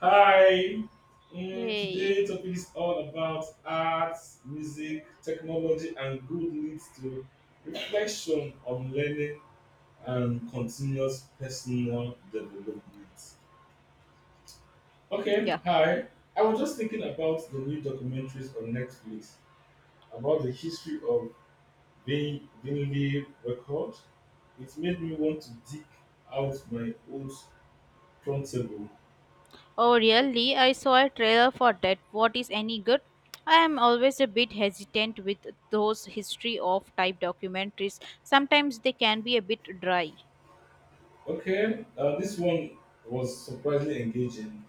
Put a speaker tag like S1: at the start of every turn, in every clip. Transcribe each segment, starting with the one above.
S1: Hi.
S2: Yay.
S1: Today topic is all about art, music, technology, and good leads to reflection on learning and continuous personal development. Okay,
S2: Yeah.
S1: hi. I was just thinking about the new documentaries on Netflix about the history of Vinley record. It made me want to dig out my old turntable.
S2: Oh, really? I saw a trailer for that. What is any good? I am always a bit hesitant with those history of type documentaries. Sometimes they can be a bit dry.
S1: Okay, this one was surprisingly engaging.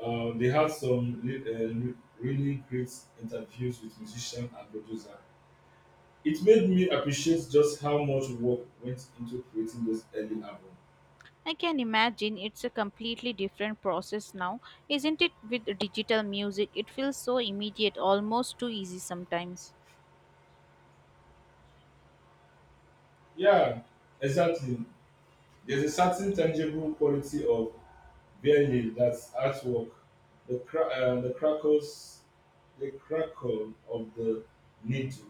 S1: They had some really great interviews with musicians and producers. It made me appreciate just how much work went into creating those early albums.
S2: I can imagine it's a completely different process now, isn't it? With digital music, it feels so immediate, almost too easy sometimes.
S1: Yeah, exactly. There's a certain tangible quality of barely that's artwork, the crackles, the crackle of the needle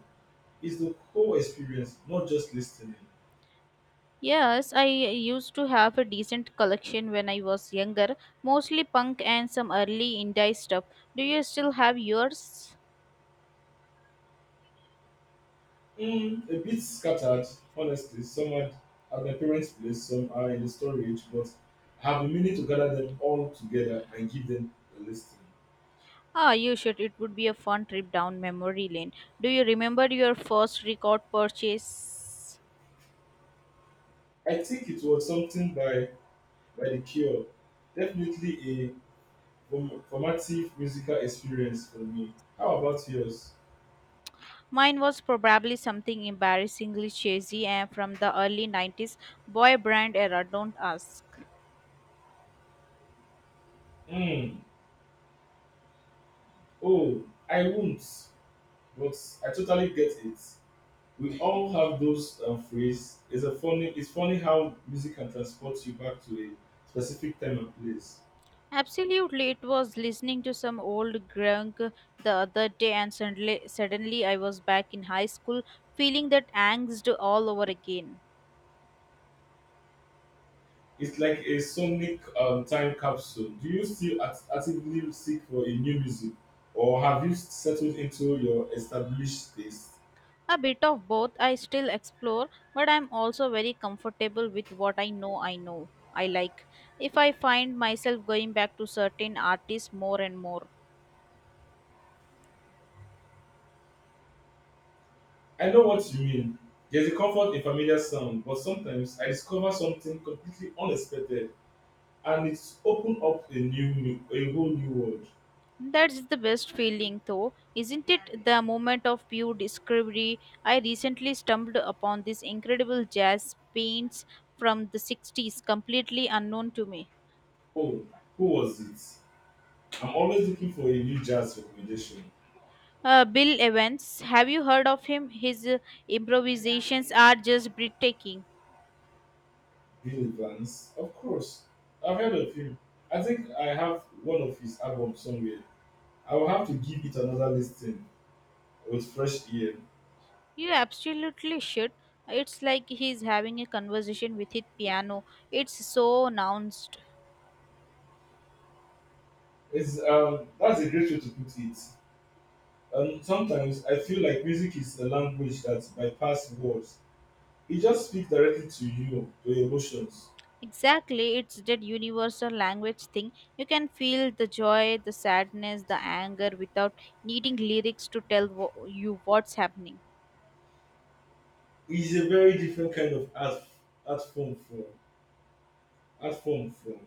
S1: is the whole experience, not just listening.
S2: Yes, I used to have a decent collection when I was younger, mostly punk and some early indie stuff. Do you still have yours?
S1: Mm, a bit scattered, honestly. Some are at my parents' place, some are in the storage, but I have been meaning to gather them all together and give them a listing.
S2: Ah, you should. It would be a fun trip down memory lane. Do you remember your first record purchase?
S1: I think it was something by The Cure. Definitely a formative musical experience for me. How about yours?
S2: Mine was probably something embarrassingly cheesy and from the early 90s boy brand era, don't ask.
S1: Mm, oh, I won't, but I totally get it. We all have those phrases. It's a funny. It's funny how music can transport you back to a specific time and place.
S2: Absolutely, it was listening to some old grunk the other day and suddenly I was back in high school feeling that angst all over again.
S1: It's like a sonic time capsule. Do you still actively seek for a new music, or have you settled into your established taste?
S2: A bit of both. I still explore, but I'm also very comfortable with what I know. I like. If I find myself going back to certain artists more and more.
S1: I know what you mean. There's a comfort in familiar sound, but sometimes I discover something completely unexpected, and it's opened up a new, new a whole new world.
S2: That's the best feeling though, isn't it? The moment of pure discovery. I recently stumbled upon this incredible jazz paints from the 60s, completely unknown to me.
S1: Oh, who was it? I'm always looking for a new jazz recommendation.
S2: Bill Evans, have you heard of him? His improvisations are just breathtaking.
S1: Billy Vance, of course. I've heard of him. I think I have one of his albums somewhere. I will have to give it another listen with fresh ear.
S2: You absolutely should. It's like he's having a conversation with his piano. It's so announced.
S1: It's. That's a great way to put it. And sometimes I feel like music is a language that bypass words. It just speaks directly to you, to your emotions.
S2: Exactly, it's that universal language thing. You can feel the joy, the sadness, the anger without needing lyrics to tell you what's happening.
S1: It's a very different kind of art form from art form from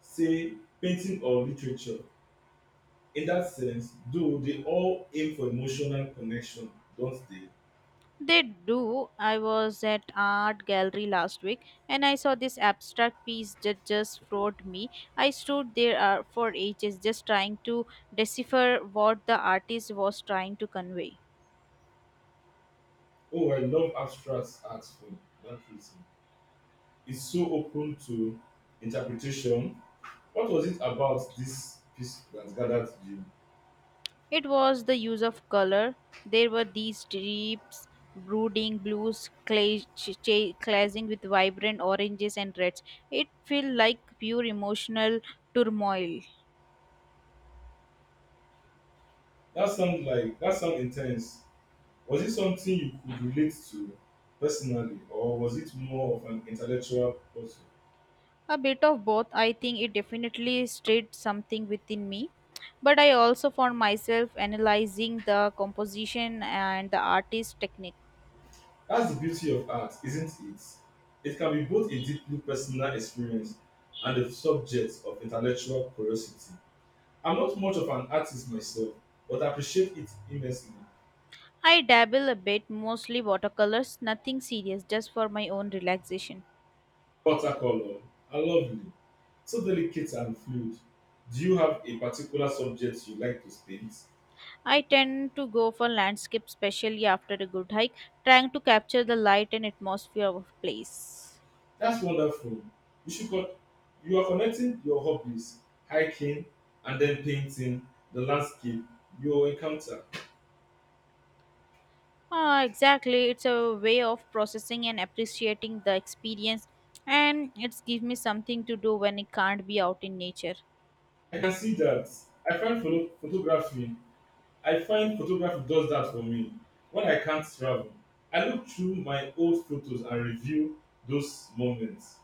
S1: say painting or literature. In that sense, though they all aim for emotional connection, don't they?
S2: They do. I was at art gallery last week and I saw this abstract piece that just floored me. I stood there for ages just trying to decipher what the artist was trying to convey.
S1: Oh, I love abstract art for that reason. Is so open to interpretation. What was it about this piece that gathered you?
S2: It was the use of color. There were these deep, brooding blues clashing with vibrant oranges and reds. It felt like pure emotional turmoil.
S1: That sounds intense. Was it something you could relate to personally, or was it more of an intellectual puzzle?
S2: A bit of both. I think it definitely stirred something within me. But I also found myself analyzing the composition and the artist's technique.
S1: That's the beauty of art, isn't it? It can be both a deeply personal experience and a subject of intellectual curiosity. I'm not much of an artist myself, but I appreciate it immensely.
S2: I dabble a bit, mostly watercolors, nothing serious, just for my own relaxation.
S1: Watercolor are lovely. So delicate and fluid. Do you have a particular subject you like to paint?
S2: I tend to go for landscape, especially after a good hike, trying to capture the light and atmosphere of a place.
S1: That's wonderful. You should con- you are connecting your hobbies, hiking and then painting the landscape you encounter.
S2: Ah, exactly. It's a way of processing and appreciating the experience, and it's gives me something to do when it can't be out in nature.
S1: I can see that. I find photo- photography. I find photography does that for me. When I can't travel, I look through my old photos and review those moments.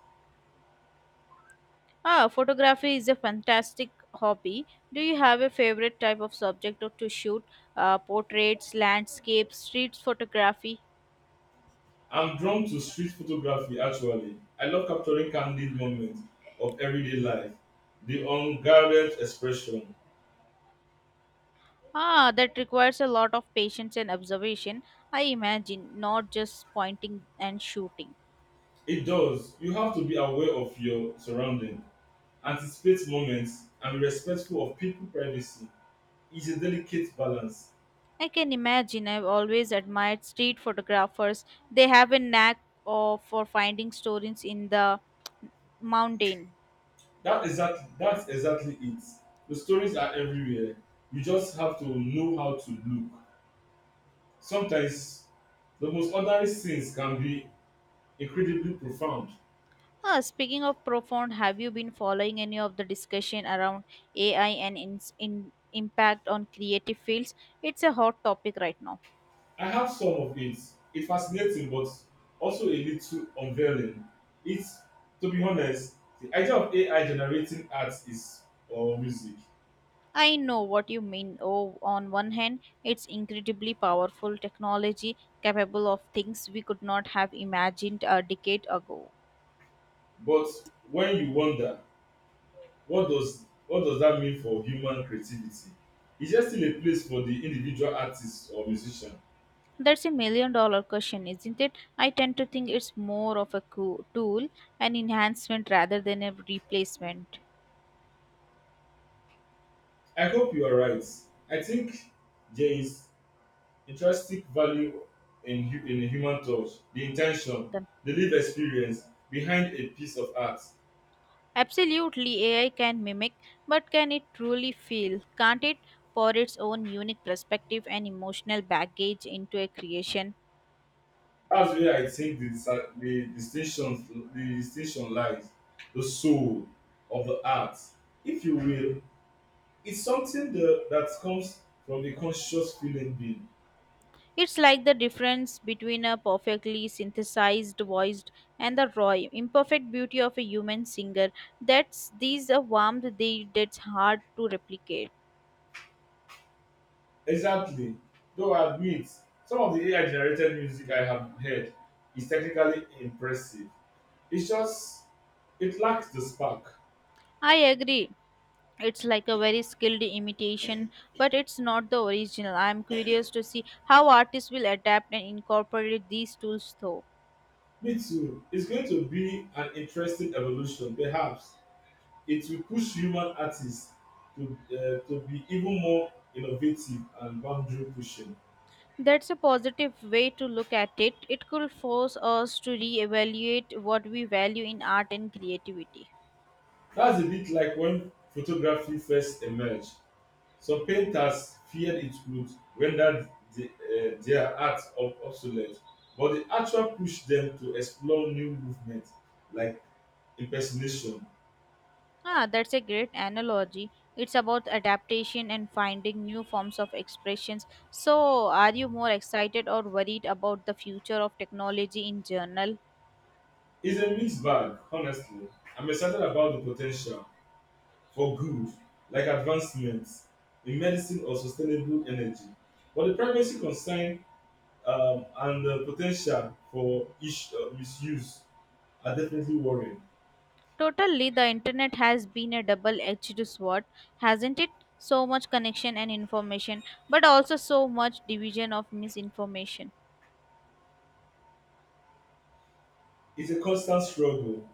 S2: Ah, photography is a fantastic hobby. Do you have a favorite type of subject or to shoot? Portraits, landscapes, street photography.
S1: I'm drawn to street photography actually. I love capturing candid moments of everyday life, the unguarded expression.
S2: Ah, that requires a lot of patience and observation, I imagine, not just pointing and shooting.
S1: It does. You have to be aware of your surrounding, anticipate moments, and be respectful of people's privacy. It's a delicate balance.
S2: I can imagine I've always admired street photographers. They have a knack of, for finding stories in the mountain.
S1: That's exactly it. The stories are everywhere. You just have to know how to look. Sometimes the most ordinary scenes can be incredibly profound.
S2: Ah, speaking of profound, have you been following any of the discussion around AI and ins in impact on creative fields? It's a hot topic right now.
S1: I have some of it. It's fascinating, but also a little unveiling. It's, to be honest, the idea of AI generating art is or music.
S2: I know what you mean. Oh, on one hand, it's incredibly powerful technology capable of things we could not have imagined a decade ago.
S1: But when you wonder, what does that mean for human creativity? Is there still a place for the individual artist or musician?
S2: That's a million dollar question, isn't it? I tend to think it's more of a tool, an enhancement rather than a replacement.
S1: I hope you are right. I think there is intrinsic value in a human touch, the intention,
S2: Then-
S1: the lived experience behind a piece of art.
S2: Absolutely, AI can mimic, but can it truly feel? Can't it pour its own unique perspective and emotional baggage into a creation?
S1: That's where I think the distinction lies. The soul of the art, if you will, is something that comes from the conscious feeling being.
S2: It's like the difference between a perfectly synthesized voice and the raw, imperfect beauty of a human singer. That's these a warmth they that's hard to replicate.
S1: Exactly. Though I admit, some of the AI generated music I have heard is technically impressive. It's just it lacks the spark.
S2: I agree. It's like a very skilled imitation, but it's not the original. I'm curious to see how artists will adapt and incorporate these tools though.
S1: Me too. It's going to be an interesting evolution, perhaps. It will push human artists to um to be even more innovative and boundary pushing.
S2: That's a positive way to look at it. It could force us to reevaluate what we value in art and creativity.
S1: That's a bit like when photography first emerged. Some painters feared it would render their art ob obsolete, but the actual pushed them to explore new movements like impersonation.
S2: Ah, that's a great analogy. It's about adaptation and finding new forms of expressions. So, are you more excited or worried about the future of technology in general?
S1: It's a mixed bag, honestly. I'm excited about the po ten tial for good like advancements in medicine or sustainable energy, but the privacy concern, and the po ten tial for misuse are definitely worrying.
S2: Totally, the internet has been a double edged sword, hasn't it? So much connection and information, but also so much division of misinformation.
S1: It's a constant struggle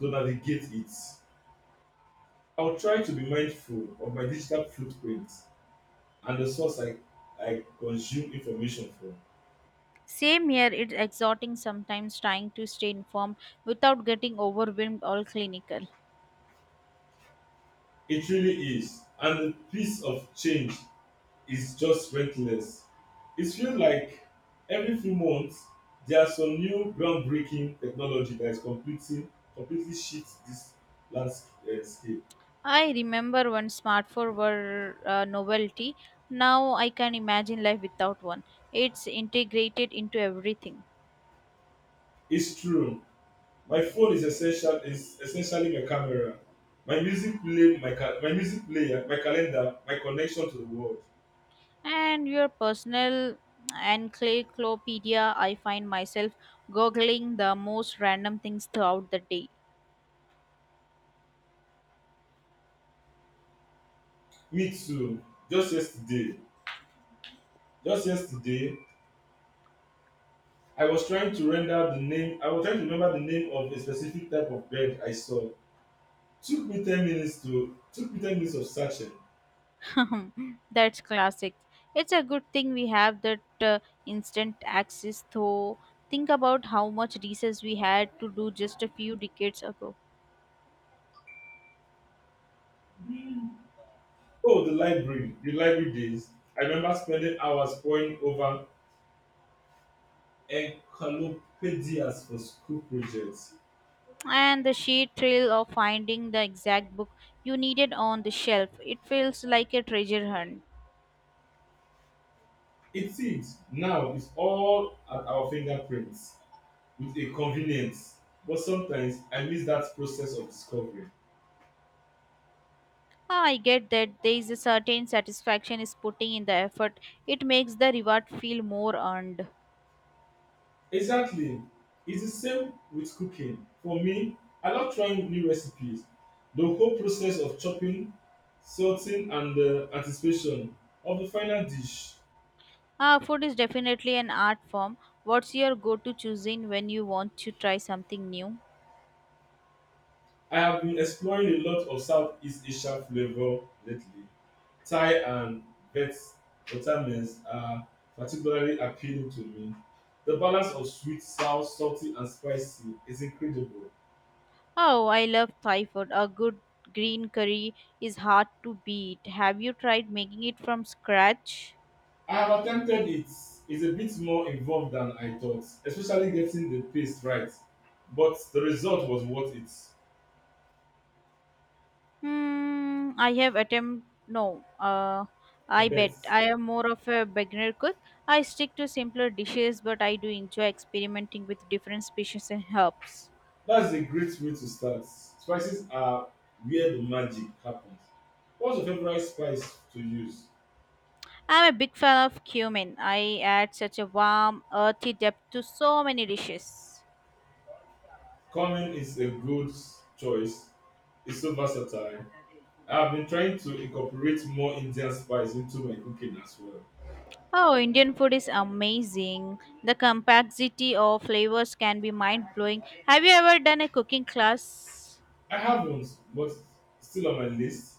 S1: to navigate it. I will try to be mindful of my digital footprint and the source I consume information from.
S2: Same here, it's exhorting sometimes trying to stay informed without getting overwhelmed or clinical.
S1: It really is, and the pace of change is just reckless. It feels like every few months there's some new groundbreaking technology that is completing completely shifts this landscape.
S2: I remember when smartphones were a novelty. Now I can imagine life without one. It's integrated into everything.
S1: It's true. My phone is essentially my camera, my music player, my calendar, my connection to the world.
S2: And your personal encyclopedia, I find myself googling the most random things throughout the day.
S1: Me too. Just yesterday, just yesterday, I was trying to render the name. I was trying to remember the name of a specific type of bird I saw. Took me 10 minutes of searching.
S2: That's classic. It's a good thing we have that instant access, though. Think about how much research we had to do just a few decades ago.
S1: Oh, the library days. I remember spending hours poring over encyclopedias for school projects.
S2: And the sheer thrill of finding the exact book you needed on the shelf. It feels like a treasure hunt.
S1: It seems now it's all at our fingerprints with a convenience, but sometimes I miss that process of discovery.
S2: Ah, I get that there is a certain satisfaction is putting in the effort. It makes the reward feel more earned.
S1: Exactly, it's the same with cooking. For me, I love trying new recipes. The whole process of chopping, salting, and the anticipation of the final dish.
S2: Ah, food is definitely an art form. What's your go-to cuisine when you want to try something new?
S1: I have been exploring a lot of Southeast Asian flavor lately. Thai and Viet Vietnamese are particularly appealing to me. The balance of sweet, sour, salty, and spicy is incredible.
S2: Oh, I love Thai food. A good green curry is hard to beat. Have you tried making it from scratch?
S1: I have attempted it. It's a bit more involved than I thought, especially getting the pace right, but the result was worth it,
S2: Hmm, I have attempt no.
S1: I
S2: I
S1: bet.
S2: bet I am more of a beginner cook. I stick to simpler dishes, but I do enjoy experimenting with different species and herbs.
S1: That's a great way to start. Spices are where the magic happens. What's your favorite spice to use?
S2: I'm a big fan of cumin. I add such a warm, earthy depth to so many dishes.
S1: Cumin is a good choice. It's so versatile. I have been trying to incorporate more Indian spice into my cooking as well.
S2: Oh, Indian food is amazing. The complexity of flavors can be mind blowing. Have you ever done a cooking class?
S1: I haven't, but still on my list.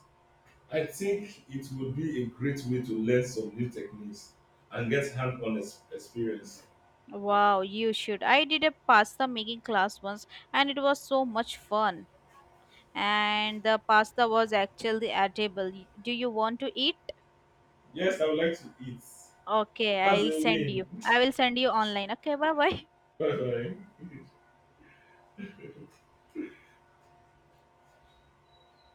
S1: I think it would be a great way to learn some new techniques and get hands on experience.
S2: Wow, you should. I did a pasta making class once and it was so much fun. And the pasta was actually edible. Do you want to eat?
S1: Yes, I would like to eat.
S2: Okay,
S1: That's
S2: I'll
S1: a
S2: send
S1: win.
S2: you. I will send you online. Okay, bye bye.
S1: Bye bye.